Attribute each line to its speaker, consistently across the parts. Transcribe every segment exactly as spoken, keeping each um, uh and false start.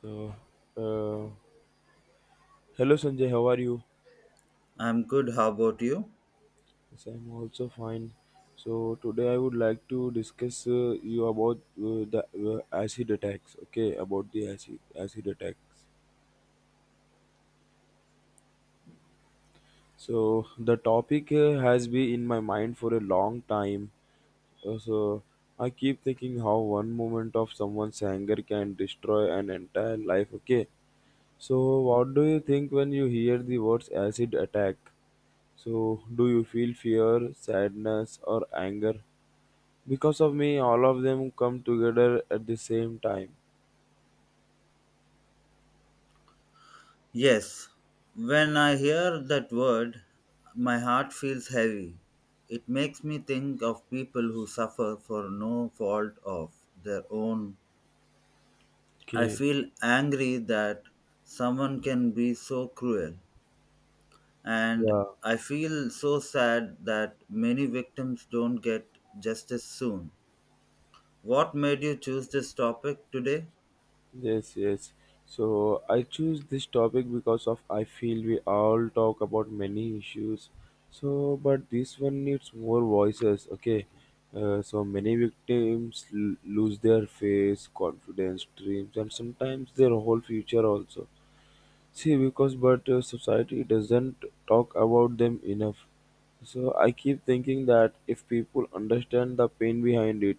Speaker 1: So, uh, hello Sanjay, how are you?
Speaker 2: I'm good. How about you?
Speaker 1: Yes, I'm also fine. So today I would like to discuss uh, you about uh, the uh, acid attacks. Okay, about the acid acid attacks. So the topic uh, has been in my mind for a long time. Uh, so I keep thinking how one moment of someone's anger can destroy an entire life. Okay. So what do you think when you hear the words acid attack? So, do you feel fear, sadness, or anger? Because of me, all of them come together at the same time.
Speaker 2: Yes. When I hear that word, my heart feels heavy. It makes me think of people who suffer for no fault of their own. I
Speaker 1: Okay.
Speaker 2: feel angry that someone can be so cruel. And
Speaker 1: Yeah.
Speaker 2: I feel so sad that many victims don't get justice soon. What made you choose this topic today?
Speaker 1: Yes, yes. So, I choose this topic because of I feel we all talk about many issues. So, but this one needs more voices. Okay. Uh, so many victims l- lose their face, confidence, dreams, and sometimes their whole future also. See, because but uh, society doesn't talk about them enough. So I keep thinking that if people understand the pain behind it,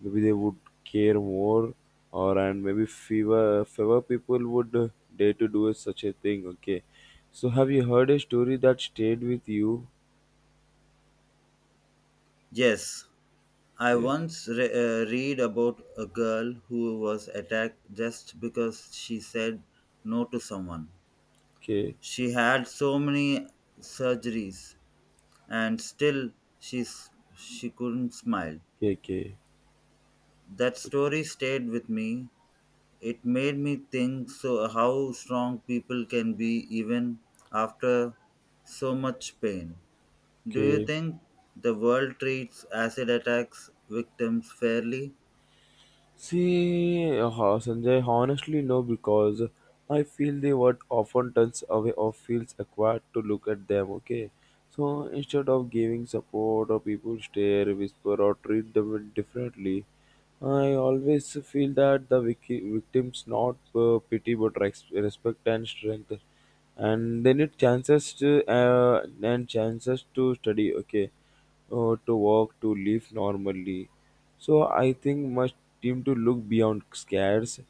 Speaker 1: maybe they would care more, or and maybe fewer fewer people would uh, dare to do such a thing. Okay, so have you heard a story that stayed with you?
Speaker 2: Yes, I
Speaker 1: Okay,
Speaker 2: once re- uh, read about a girl who was attacked just because she said no to someone.
Speaker 1: okay,
Speaker 2: She had so many surgeries and still she's, she couldn't smile.
Speaker 1: okay,
Speaker 2: That story stayed with me. It made me think so how strong people can be even after so much pain. Do you
Speaker 1: okay.
Speaker 2: think the world treats acid attacks victims fairly?
Speaker 1: See, uh, Sanjay, honestly, no, because I feel the word often turns away or feels acquired to look at them, okay? So instead of giving support, or people stare, whisper, or treat them differently, I always feel that the vic- victims not uh, pity but res- respect and strength, and they need chances to uh, and chances to study, okay? Uh, to walk, to live normally. So I think must team to look beyond scares.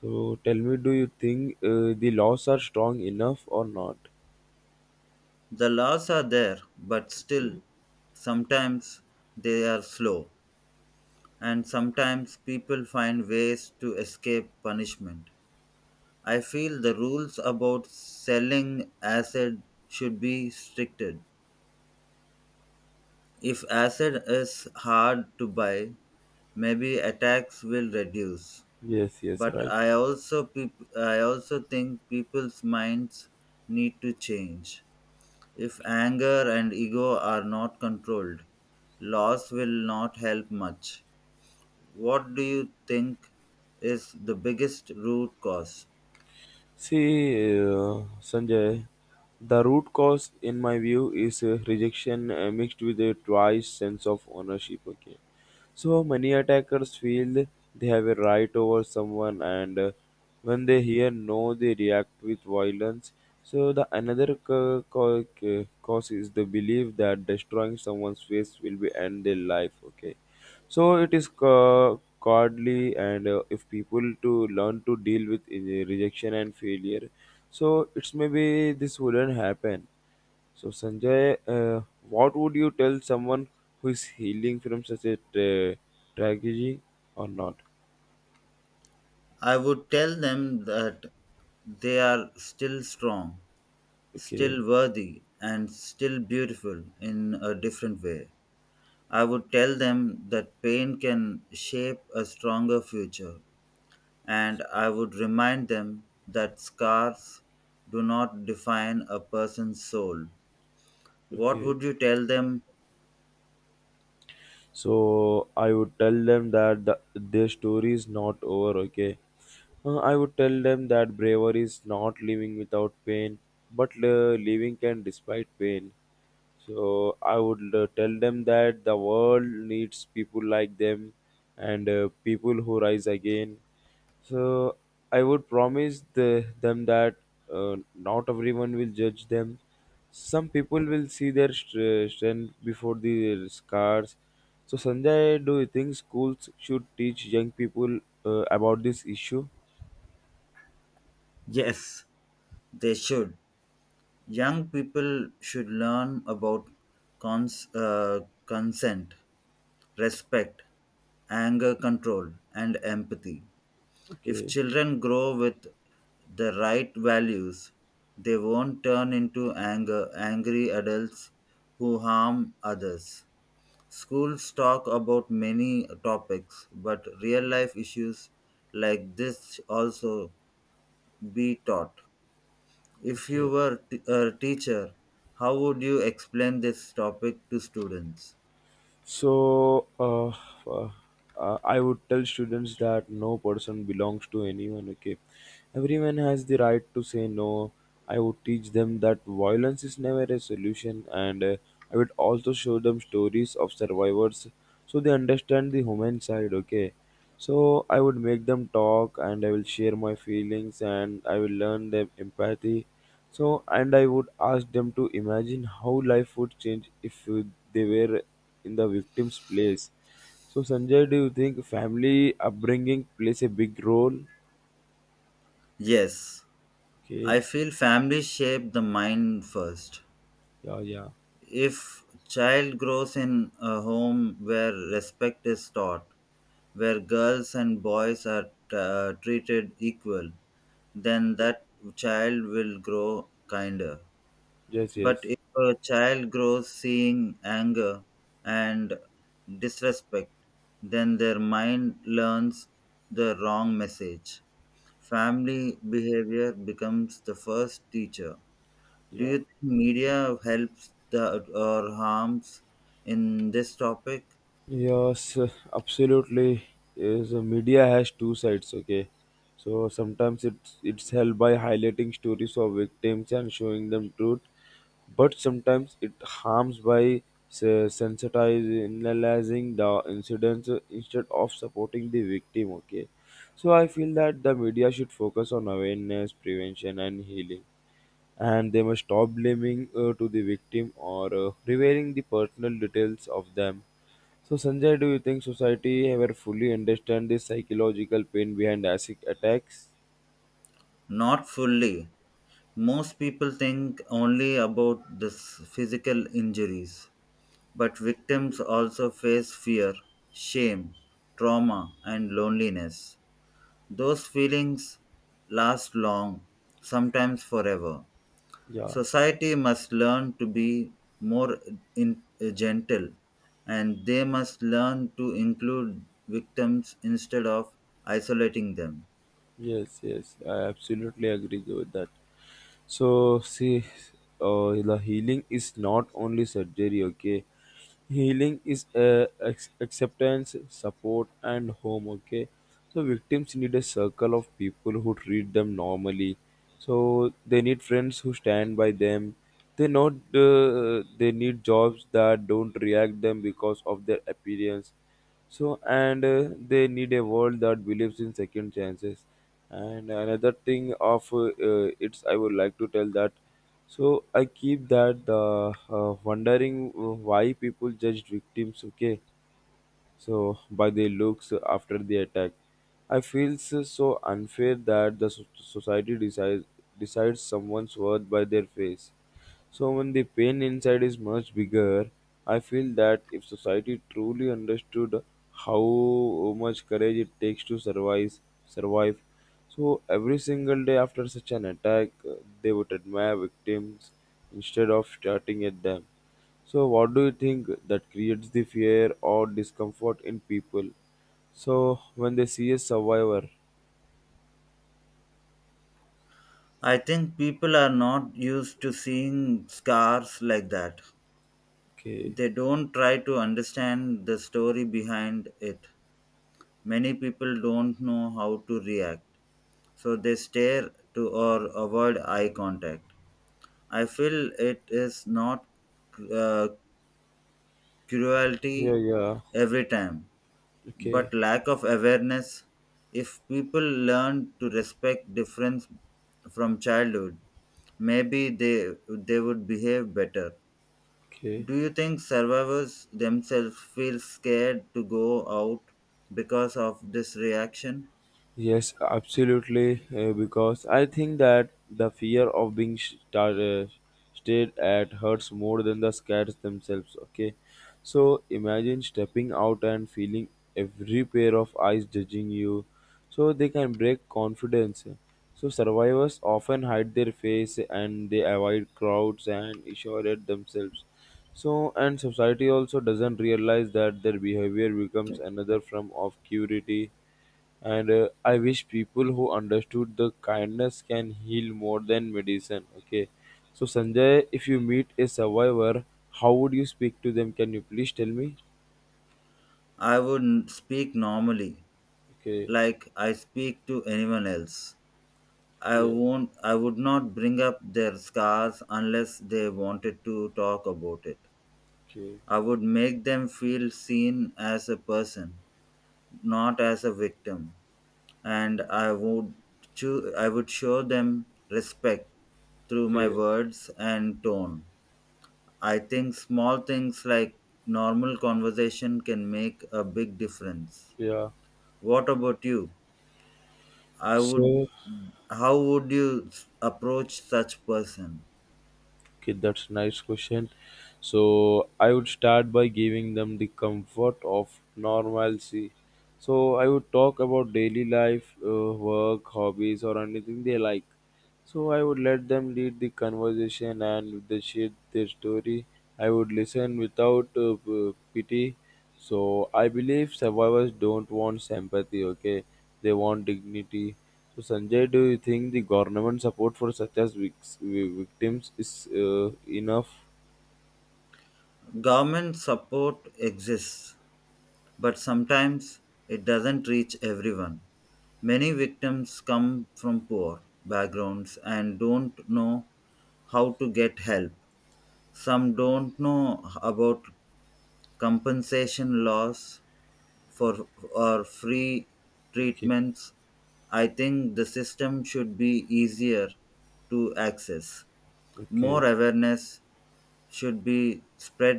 Speaker 1: So tell me, do you think uh, the laws are strong enough or not?
Speaker 2: The laws are there, but still,
Speaker 1: Okay.
Speaker 2: sometimes they are slow, and sometimes people find ways to escape punishment. I feel the rules about selling acid should be stricted. If acid is hard to buy, maybe attacks will reduce.
Speaker 1: Yes, yes,
Speaker 2: But
Speaker 1: right.
Speaker 2: I also peop- I also think people's minds need to change. If anger and ego are not controlled, loss will not help much. What do you think is the biggest root cause?
Speaker 1: See, uh, Sanjay, the root cause, in my view, is uh, rejection uh, mixed with a twice sense of ownership. Okay, so many attackers feel they have a right over someone, and uh, when they hear no, they react with violence. So the another ca- ca- ca- cause is the belief that destroying someone's face will be end their life. Okay, so it is ca- cowardly, and uh, if people to learn to deal with uh, rejection and failure, so it's maybe this wouldn't happen. So, Sanjay, uh, what would you tell someone who is healing from such a tra- tragedy or not?
Speaker 2: I would tell them that they are still strong,
Speaker 1: Okay,
Speaker 2: still worthy, and still beautiful in a different way. I would tell them that pain can shape a stronger future, and I would remind them that scars do not define a person's soul. What
Speaker 1: okay.
Speaker 2: would you tell them?
Speaker 1: So, I would tell them that the, their story is not over, okay? Uh, I would tell them that bravery is not living without pain, but uh, living can despite pain. So I would uh, tell them that the world needs people like them and uh, people who rise again. So I would promise the, them that uh, not everyone will judge them. Some people will see their str- strength before the scars. So Sanjay, do you think schools should teach young people uh, about this issue?
Speaker 2: Yes, they should. Young people should learn about cons- uh, consent, respect, anger control, and empathy. If
Speaker 1: Okay,
Speaker 2: children grow with the right values, they won't turn into anger, angry adults who harm others. Schools talk about many topics, but real life issues like this also be taught. If you
Speaker 1: okay.
Speaker 2: were t- a teacher, how would you explain this topic to students?
Speaker 1: So, uh, uh, uh, I would tell students that no person belongs to anyone, okay? Everyone has the right to say no. I would teach them that violence is never a solution, and uh, I would also show them stories of survivors so they understand the human side, okay? So, I would make them talk and I will share my feelings and I will learn them empathy so, and I would ask them to imagine how life would change if uh, they were in the victim's place. So, Sanjay, do you think family upbringing plays a big role?
Speaker 2: Yes, I
Speaker 1: Okay,
Speaker 2: feel families shape the mind first.
Speaker 1: yeah, yeah,
Speaker 2: If child grows in a home where respect is taught, where girls and boys are uh, treated equal, then that child will grow kinder.
Speaker 1: yes,
Speaker 2: But
Speaker 1: yes,
Speaker 2: if a child grows seeing anger and disrespect, then their mind learns the wrong message. Family behavior becomes the first teacher. Do
Speaker 1: yeah.
Speaker 2: you think media helps the, or harms in this topic?
Speaker 1: Yes, absolutely. Yes, media has two sides. Okay, so sometimes it's it's helped by highlighting stories of victims and showing them truth, but sometimes it harms by se- sensitizing the incidents instead of supporting the victim. Okay, so I feel that the media should focus on awareness, prevention, and healing, and they must stop blaming uh, to the victim or uh, revealing the personal details of them. So, Sanjay, do you think society ever fully understand the psychological pain behind acid attacks?
Speaker 2: Not fully. Most people think only about the s- physical injuries. But victims also face fear, shame, trauma, and loneliness. Those feelings last long, sometimes forever.
Speaker 1: Yeah,
Speaker 2: Society must learn to be more in, uh, gentle, and they must learn to include victims instead of isolating them.
Speaker 1: yes, yes, I absolutely agree with that. So see, uh, the healing is not only surgery. Okay, healing is uh, ex- acceptance, support, and home. Okay, so victims need a circle of people who treat them normally. So they need friends who stand by them. They not uh, they need jobs that don't react them because of their appearance. So, and uh, they need a world that believes in second chances. And another thing of uh, uh, it's I would like to tell that. So I keep that uh, uh, wondering why people judge victims. Okay, so by their looks after the attack. I feel so so unfair that the so- society decides decides someone's worth by their face. So when the pain inside is much bigger, I feel that if society truly understood how much courage it takes to survive, survive, so every single day after such an attack, uh, they would admire victims instead of starting at them. So, what do you think that creates the fear or discomfort in people? So, when they see a survivor,
Speaker 2: I think people are not used to seeing scars like that.
Speaker 1: okay,
Speaker 2: They don't try to understand the story behind it. Many people don't know how to react, so they stare to or avoid eye contact. I feel it is not uh,
Speaker 1: yeah,
Speaker 2: cruelty
Speaker 1: yeah,
Speaker 2: every time, but
Speaker 1: okay,
Speaker 2: lack of awareness. If people learn to respect difference from childhood, maybe they they would behave better.
Speaker 1: okay.
Speaker 2: Do you think survivors themselves feel scared to go out because of this reaction?
Speaker 1: Yes, absolutely. Uh, because I think that the fear of being star- uh, stared at hurts more than the scares themselves. Okay, so imagine stepping out and feeling every pair of eyes judging you, so they can break confidence. So survivors often hide their face and they avoid crowds and isolate themselves. So and society also doesn't realize that their behavior becomes another form of curiosity and uh, I wish people who understood the kindness can heal more than medicine. Okay, so Sanjay, if you meet a survivor, how would you speak to them, can you please tell me?
Speaker 2: I would n- speak normally,
Speaker 1: Okay,
Speaker 2: like I speak to anyone else. I
Speaker 1: yeah,
Speaker 2: won't I would not bring up their scars unless they wanted to talk about it.
Speaker 1: okay,
Speaker 2: I would make them feel seen as a person, not as a victim. And I would cho- I would show them respect through my
Speaker 1: okay,
Speaker 2: words and tone. I think small things like normal conversation can make a big difference.
Speaker 1: yeah.
Speaker 2: What about you? I would.
Speaker 1: So
Speaker 2: How would you s- approach such person?
Speaker 1: okay, that's a nice question. So I would start by giving them the comfort of normalcy. So I would talk about daily life, uh, work, hobbies, or anything they like. So I would let them lead the conversation and if they share their story. I would listen without uh, p- pity. So I believe survivors don't want sympathy. Okay, they want dignity. So Sanjay, do you think the government support for such as vic- vi- victims is uh, enough?
Speaker 2: Government support exists, but sometimes it doesn't reach everyone. Many victims come from poor backgrounds and don't know how to get help. Some don't know about compensation laws for or free
Speaker 1: Okay,
Speaker 2: treatments. I think the system should be easier to access. More
Speaker 1: okay.
Speaker 2: awareness should be spread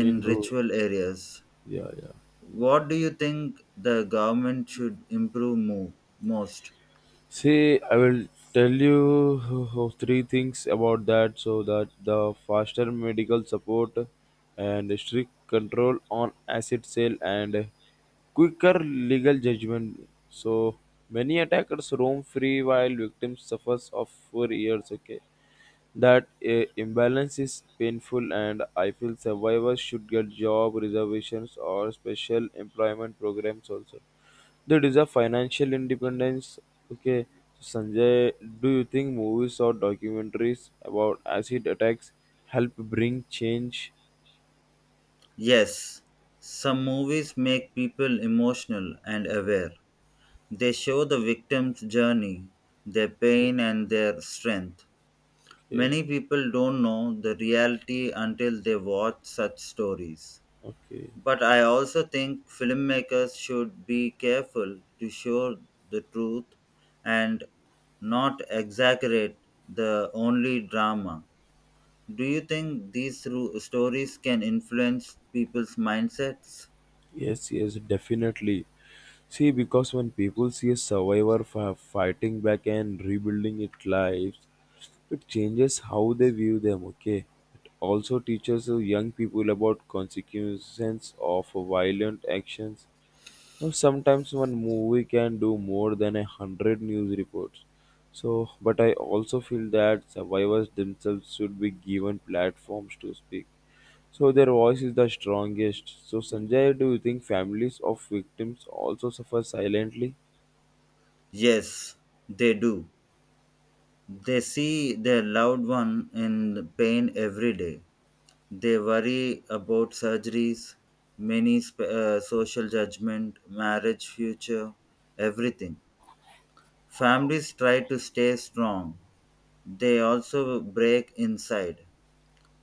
Speaker 2: in
Speaker 1: In ru-
Speaker 2: ritual areas.
Speaker 1: yeah, yeah.
Speaker 2: What do you think the government should improve mo- most?
Speaker 1: See, I will tell you three things about that. So that the faster medical support and strict control on asset sale and quicker legal judgment. So many attackers roam free while victims suffers of for years. Okay, that uh, imbalance is painful, and I feel survivors should get job reservations or special employment programs also. They deserve financial independence. Okay, so Sanjay, do you think movies or documentaries about acid attacks help bring change?
Speaker 2: Yes, some movies make people emotional and aware. They show the victim's journey, their pain, and their strength.
Speaker 1: Okay,
Speaker 2: Many people don't know the reality until they watch such stories.
Speaker 1: okay.
Speaker 2: But I also think filmmakers should be careful to show the truth and not exaggerate the only drama. Do you think these ru- stories can influence people's mindsets?
Speaker 1: Yes, yes, definitely. See, because when people see a survivor fi- fighting back and rebuilding its lives, it changes how they view them, okay? It also teaches the young people about consequences of violent actions. Now, sometimes one movie can do more than a hundred news reports. So, but I also feel that survivors themselves should be given platforms to speak so their voice is the strongest. So Sanjay, do you think families of victims also suffer silently?
Speaker 2: Yes, they do. They see their loved one in pain every day. They worry about surgeries, many sp- uh, social judgment, marriage future, everything. Families try to stay strong. They also break inside.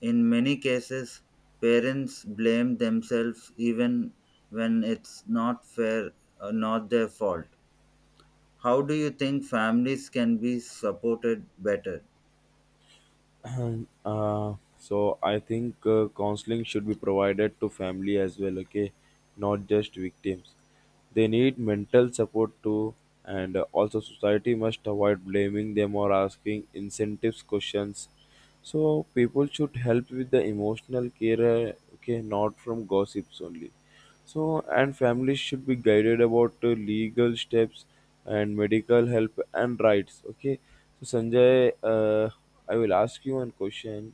Speaker 2: In many cases, parents blame themselves even when it's not fair or not their fault. How do you think families can be supported better?
Speaker 1: uh, so I think uh, counseling should be provided to family as well. Okay, not just victims. They need mental support too, and uh, also society must avoid blaming them or asking incentives questions. So people should help with the emotional care. uh, Okay, not from gossips only. So, and families should be guided about uh, legal steps and medical help and rights. Okay. So, Sanjay, uh, I will ask you one question.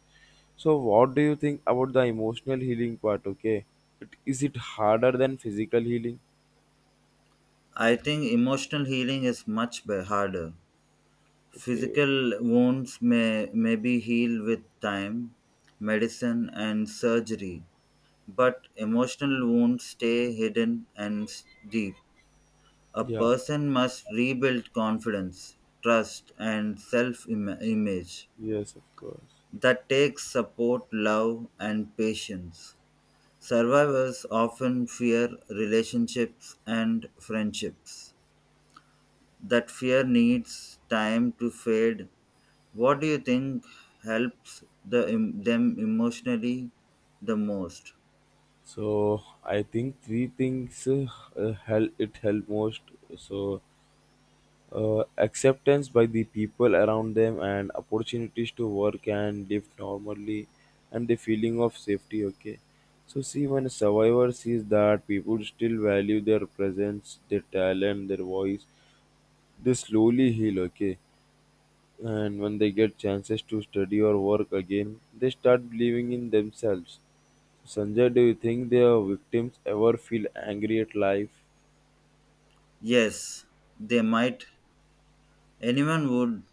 Speaker 1: So, what do you think about the emotional healing part? Okay. It, is it harder than physical healing?
Speaker 2: I think emotional healing is much be- harder.
Speaker 1: Okay.
Speaker 2: Physical wounds may, may be healed with time, medicine, and surgery, but emotional wounds stay hidden and s- deep. A
Speaker 1: Yeah.
Speaker 2: person must rebuild confidence, trust, and self image.
Speaker 1: Yes, of course.
Speaker 2: That takes support, love, and patience. Survivors often fear relationships and friendships. That fear needs time to fade. What do you think helps the, them emotionally the most?
Speaker 1: So, I think three things uh, uh, help it help most. So, uh, acceptance by the people around them and opportunities to work and live normally and the feeling of safety, okay? So see, when a survivor sees that people still value their presence, their talent, their voice, they slowly heal, okay? And when they get chances to study or work again, they start believing in themselves. So, Sanjay, do you think their victims ever feel angry at life?
Speaker 2: Yes, they might. Anyone would.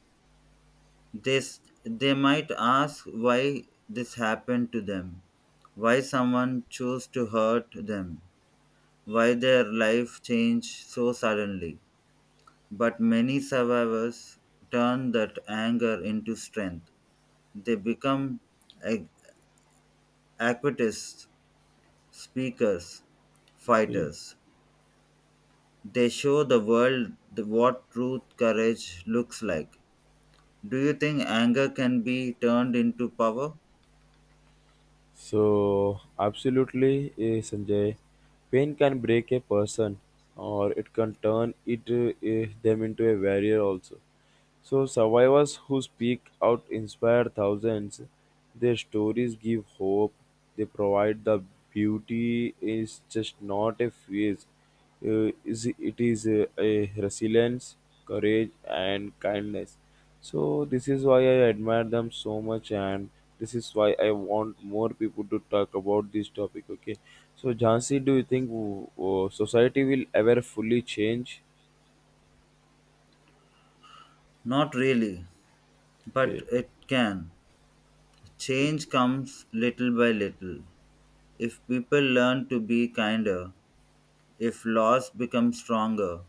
Speaker 2: They, s- they might ask why this happened to them, why someone chose to hurt them, why their life changed so suddenly. But many survivors turn that anger into strength. They become ac- activists, speakers,
Speaker 1: Okay.
Speaker 2: fighters. They show the world the, what truth courage looks like. Do you think anger can be turned into power?
Speaker 1: So, absolutely, eh, Sanjay. Pain can break a person, or it can turn it eh, them into a warrior also. So survivors who speak out inspire thousands. Their stories give hope. They provide the beauty is just not a phase. Uh, is it is a, a resilience, courage, and kindness. So this is why I admire them so much, and this is why I want more people to talk about this topic. Okay, so Jansi, do you think uh, society will ever fully change?
Speaker 2: Not really. But
Speaker 1: Okay,
Speaker 2: it can. Change comes little by little. If people learn to be kinder, if laws become stronger,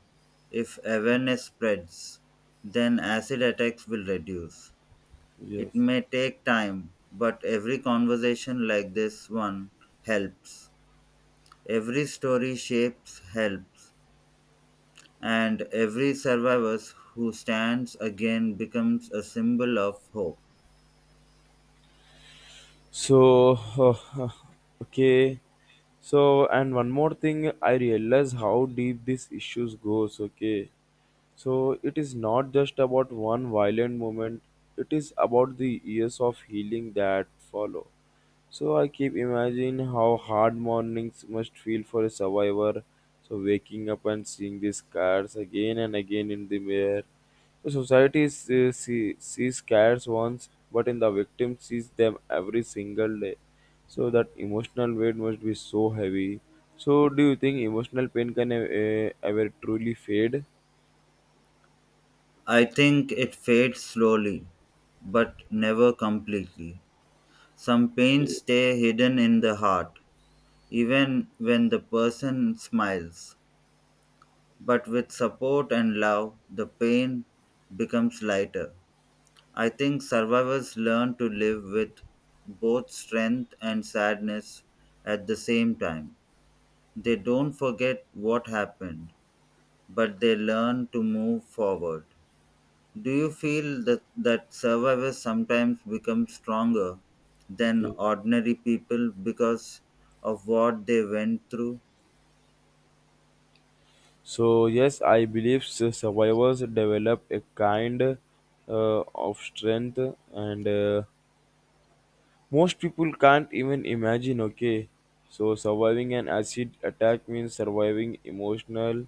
Speaker 2: if awareness spreads, then acid attacks will reduce. It
Speaker 1: yes.
Speaker 2: may take time, but every conversation like this one helps. Every story shapes helps. And every survivor who stands again becomes a symbol of hope.
Speaker 1: So, okay. So, and one more thing, I realize how deep these issues goes. Okay. So it is not just about one violent moment. It is about the years of healing that follow. So I keep imagining how hard mornings must feel for a survivor. So waking up and seeing these cars again and again in the mirror. The society s- uh, see, sees cars once, but in the victim sees them every single day. So that emotional weight must be so heavy. So do you think emotional pain can uh, ever truly fade?
Speaker 2: I think it fades slowly, but never completely. Some pains stay hidden in the heart, even when the person smiles. But with support and love, the pain becomes lighter. I think survivors learn to live with both strength and sadness at the same time. They don't forget what happened, but they learn to move forward. Do you feel that, that survivors sometimes become stronger than
Speaker 1: Okay.
Speaker 2: ordinary people because of what they went through?
Speaker 1: So yes, I believe s- survivors develop a kind uh, of strength and. Uh, most people can't even imagine, okay? So, surviving an acid attack means surviving emotional,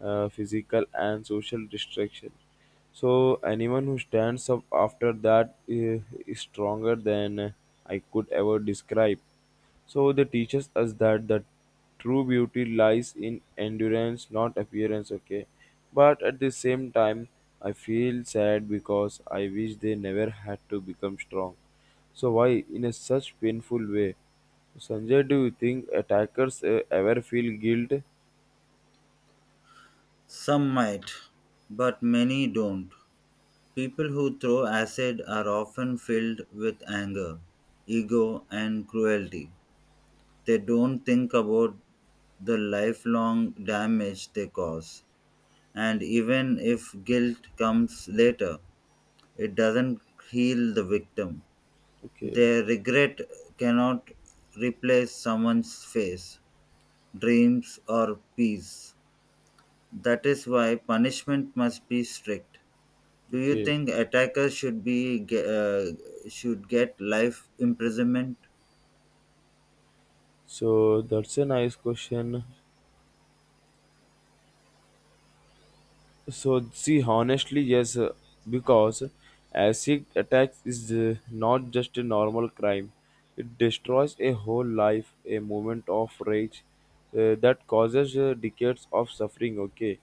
Speaker 1: uh, physical, and social destruction. So, anyone who stands up after that uh, is stronger than I could ever describe. So, they teaches us that the true beauty lies in endurance, not appearance, okay? But at the same time, I feel sad because I wish they never had to become strong. So why, in a such painful way? Sanjay, do you think attackers uh, ever feel guilt?
Speaker 2: Some might, but many don't. People who throw acid are often filled with anger, ego, and cruelty. They don't think about the lifelong damage they cause. And even if guilt comes later, it doesn't heal the victim.
Speaker 1: Okay,
Speaker 2: Their regret cannot replace someone's face, dreams, or peace. That is why punishment must be strict. Do you
Speaker 1: okay.
Speaker 2: think attackers should be ge- uh, should get life imprisonment?
Speaker 1: So that's a nice question. So see, honestly, yes, uh, because acid attacks is uh, not just a normal crime. It destroys a whole life, a moment of rage uh, that causes uh, decades of suffering. Okay,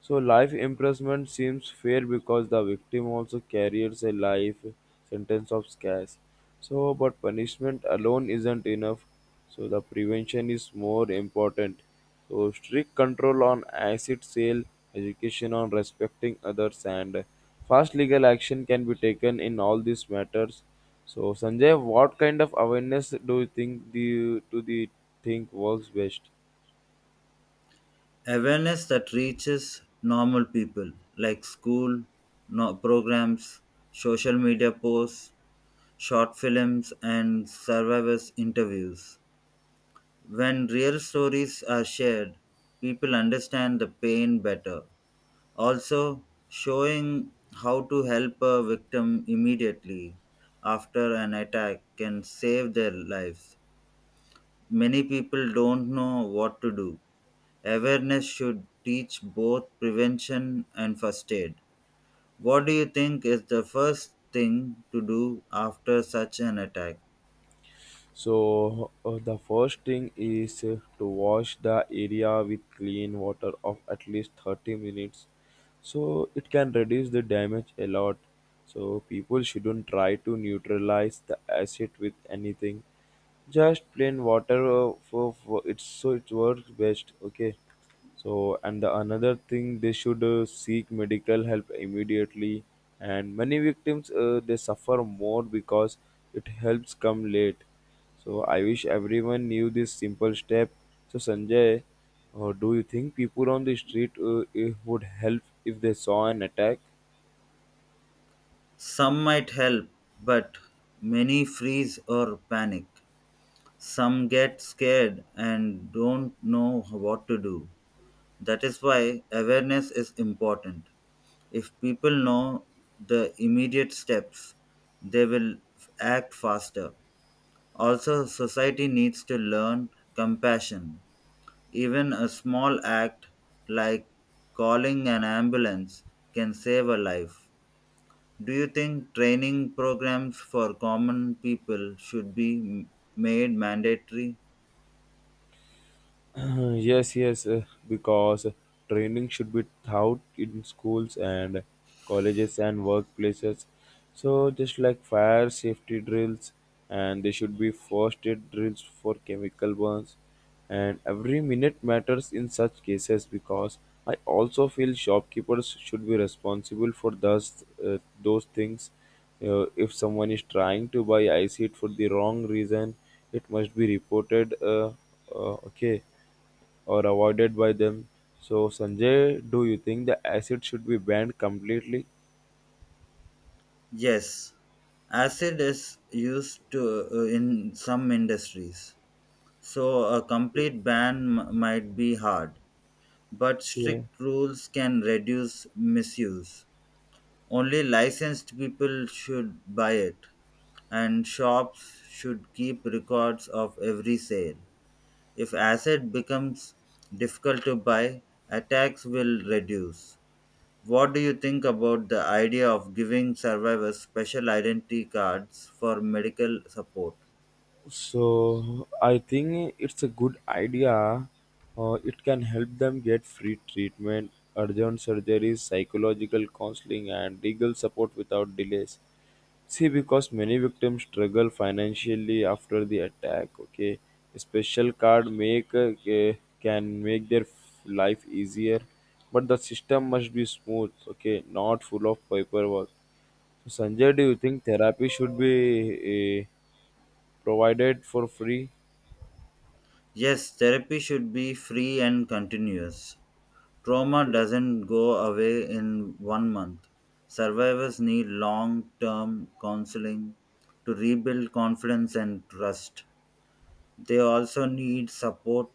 Speaker 1: so life imprisonment seems fair because the victim also carries a life sentence of scarce. So, but punishment alone isn't enough. So the prevention is more important. So strict control on acid sale, education on respecting others, and fast legal action can be taken in all these matters. So Sanjay, what kind of awareness do you think the to the think works best?
Speaker 2: Awareness that reaches normal people, like school no- programs, social media posts, short films, and survivors interviews. When real stories are shared, people understand the pain better. Also, showing how to help a victim immediately after an attack can save their lives. Many people don't know what to do. Awareness should teach both prevention and first aid. What do you think is the first thing to do after such an attack?
Speaker 1: So uh, the first thing is uh, to wash the area with clean water of at least thirty minutes, so it can reduce the damage a lot. So people shouldn't try to neutralize the acid with anything, just plain water uh, for, for it's so it works best, okay. So and the another thing, they should uh, seek medical help immediately, and many victims uh, they suffer more because it helps come late. So I wish everyone knew this simple step. So Sanjay, uh, do you think people on the street uh, eh, would help if they saw an attack?
Speaker 2: Some might help, but many freeze or panic. Some get scared and don't know what to do. That is why awareness is important. If people know the immediate steps, they will f- act faster. Also, society needs to learn compassion. Even a small act like calling an ambulance can save a life. Do you think training programs for common people should be m- made mandatory?
Speaker 1: Uh, Yes, yes, uh, because training should be taught in schools and colleges and workplaces. So, just like fire safety drills, and they should be first aid drills for chemical burns. And every minute matters in such cases because I also feel shopkeepers should be responsible for those, uh, those things. Uh, if someone is trying to buy ice it for the wrong reason, it must be reported. Uh, uh, okay, or avoided by them. So, Sanjay, do you think the acid should be banned completely?
Speaker 2: Yes, acid is used to, uh, in some industries, so a complete ban m- might be hard, but
Speaker 1: Okay.
Speaker 2: strict rules can reduce misuse. Only licensed people should buy it, and shops should keep records of every sale. If acid becomes difficult to buy, attacks will reduce. What do you think about the idea of giving survivors special identity cards for medical support?
Speaker 1: So, I think it's a good idea. Uh, it can help them get free treatment, urgent surgeries, psychological counseling, and legal support without delays. See, because many victims struggle financially after the attack. Okay, a special card make uh, ca- can make their f- life easier, but the system must be smooth. Okay, not full of paperwork. So, Sanjay, do you think therapy should be uh, provided for free?
Speaker 2: Yes, therapy should be free and continuous. Trauma doesn't go away in one month. Survivors need long term counseling to rebuild confidence and trust. They also need support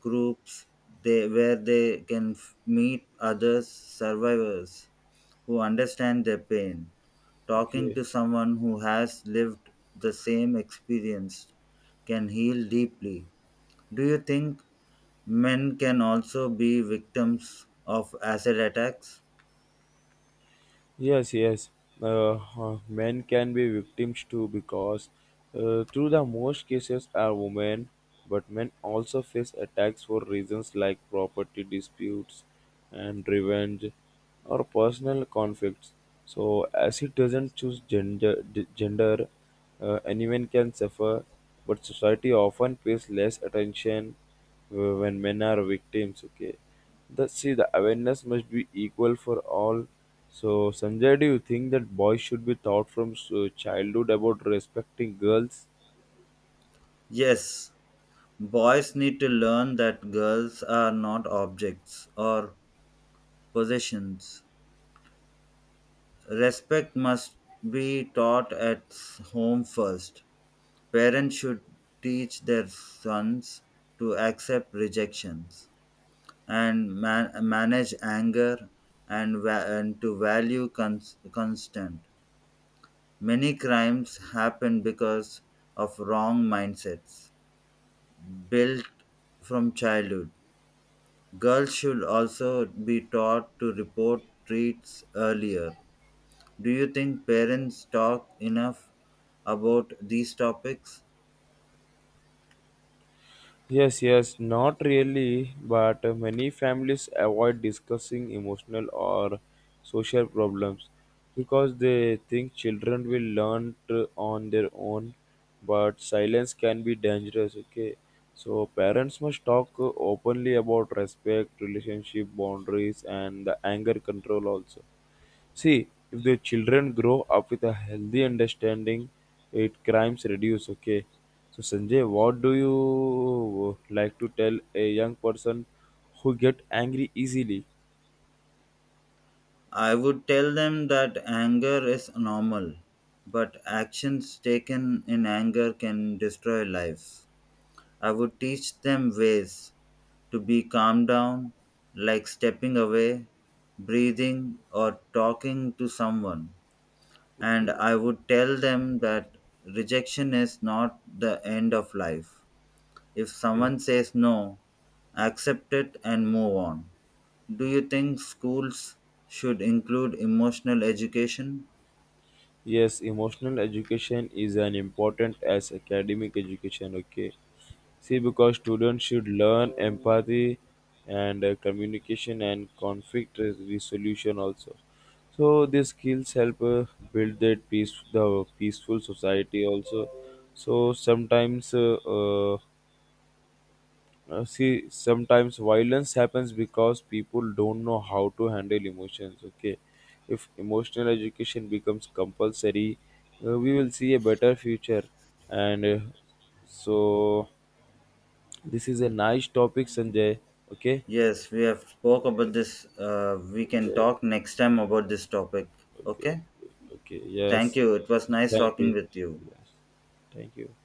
Speaker 2: groups they, where they can f- meet others survivors who understand their pain. Talking
Speaker 1: Okay.
Speaker 2: to someone who has lived the same experience can heal deeply. Do you think men can also be victims of acid attacks?
Speaker 1: Yes, yes. Uh, huh, men can be victims too because, uh, through the most cases, are women, but men also face attacks for reasons like property disputes and revenge or personal conflicts. So, as it doesn't choose gender, d- gender uh, anyone can suffer, but society often pays less attention uh, when men are victims, okay. The see the awareness must be equal for all. So Sanjay, do you think that boys should be taught from s- childhood about respecting girls?
Speaker 2: Yes, boys need to learn that girls are not objects or possessions. Respect must be taught at s- home first. Parents should teach their sons to accept rejections and man- manage anger, and, va- and to value cons- constant. Many crimes happen because of wrong mindsets built from childhood. Girls should also be taught to report treats earlier. Do you think parents talk enough about these topics?
Speaker 1: Yes, yes, not really, but many families avoid discussing emotional or social problems because they think children will learn to- on their own, but silence can be dangerous, okay? So parents must talk openly about respect, relationship boundaries, and the anger control also. See, if the children grow up with a healthy understanding, it crimes reduce. Okay. So Sanjay, what do you like to tell a young person who get angry easily?
Speaker 2: I would tell them that anger is normal, but actions taken in anger can destroy lives. I would teach them ways to be calm down, like stepping away, breathing, or talking to someone. And
Speaker 1: Okay.
Speaker 2: I would tell them that rejection is not the end of life. If
Speaker 1: Okay.
Speaker 2: someone says no, accept it and move on. Do you think schools should include emotional education?
Speaker 1: Yes, emotional education is an important as academic education. Okay. See, because students should learn empathy and uh, communication and conflict res- resolution also. So these skills help uh, build that peace, the peaceful society also. So sometimes, uh, uh, uh, see, sometimes violence happens because people don't know how to handle emotions. Okay, if emotional education becomes compulsory, uh, we will see a better future, and uh, so this is a nice topic, Sanjay. Okay.
Speaker 2: Yes, we have spoke about
Speaker 1: Yes.
Speaker 2: this. Uh, we can
Speaker 1: Yeah.
Speaker 2: talk next time about this topic.
Speaker 1: Okay.
Speaker 2: Okay.
Speaker 1: Okay.
Speaker 2: Thank
Speaker 1: Yes.
Speaker 2: you. It was nice
Speaker 1: Thank
Speaker 2: talking
Speaker 1: you.
Speaker 2: with you.
Speaker 1: Yes. Thank you.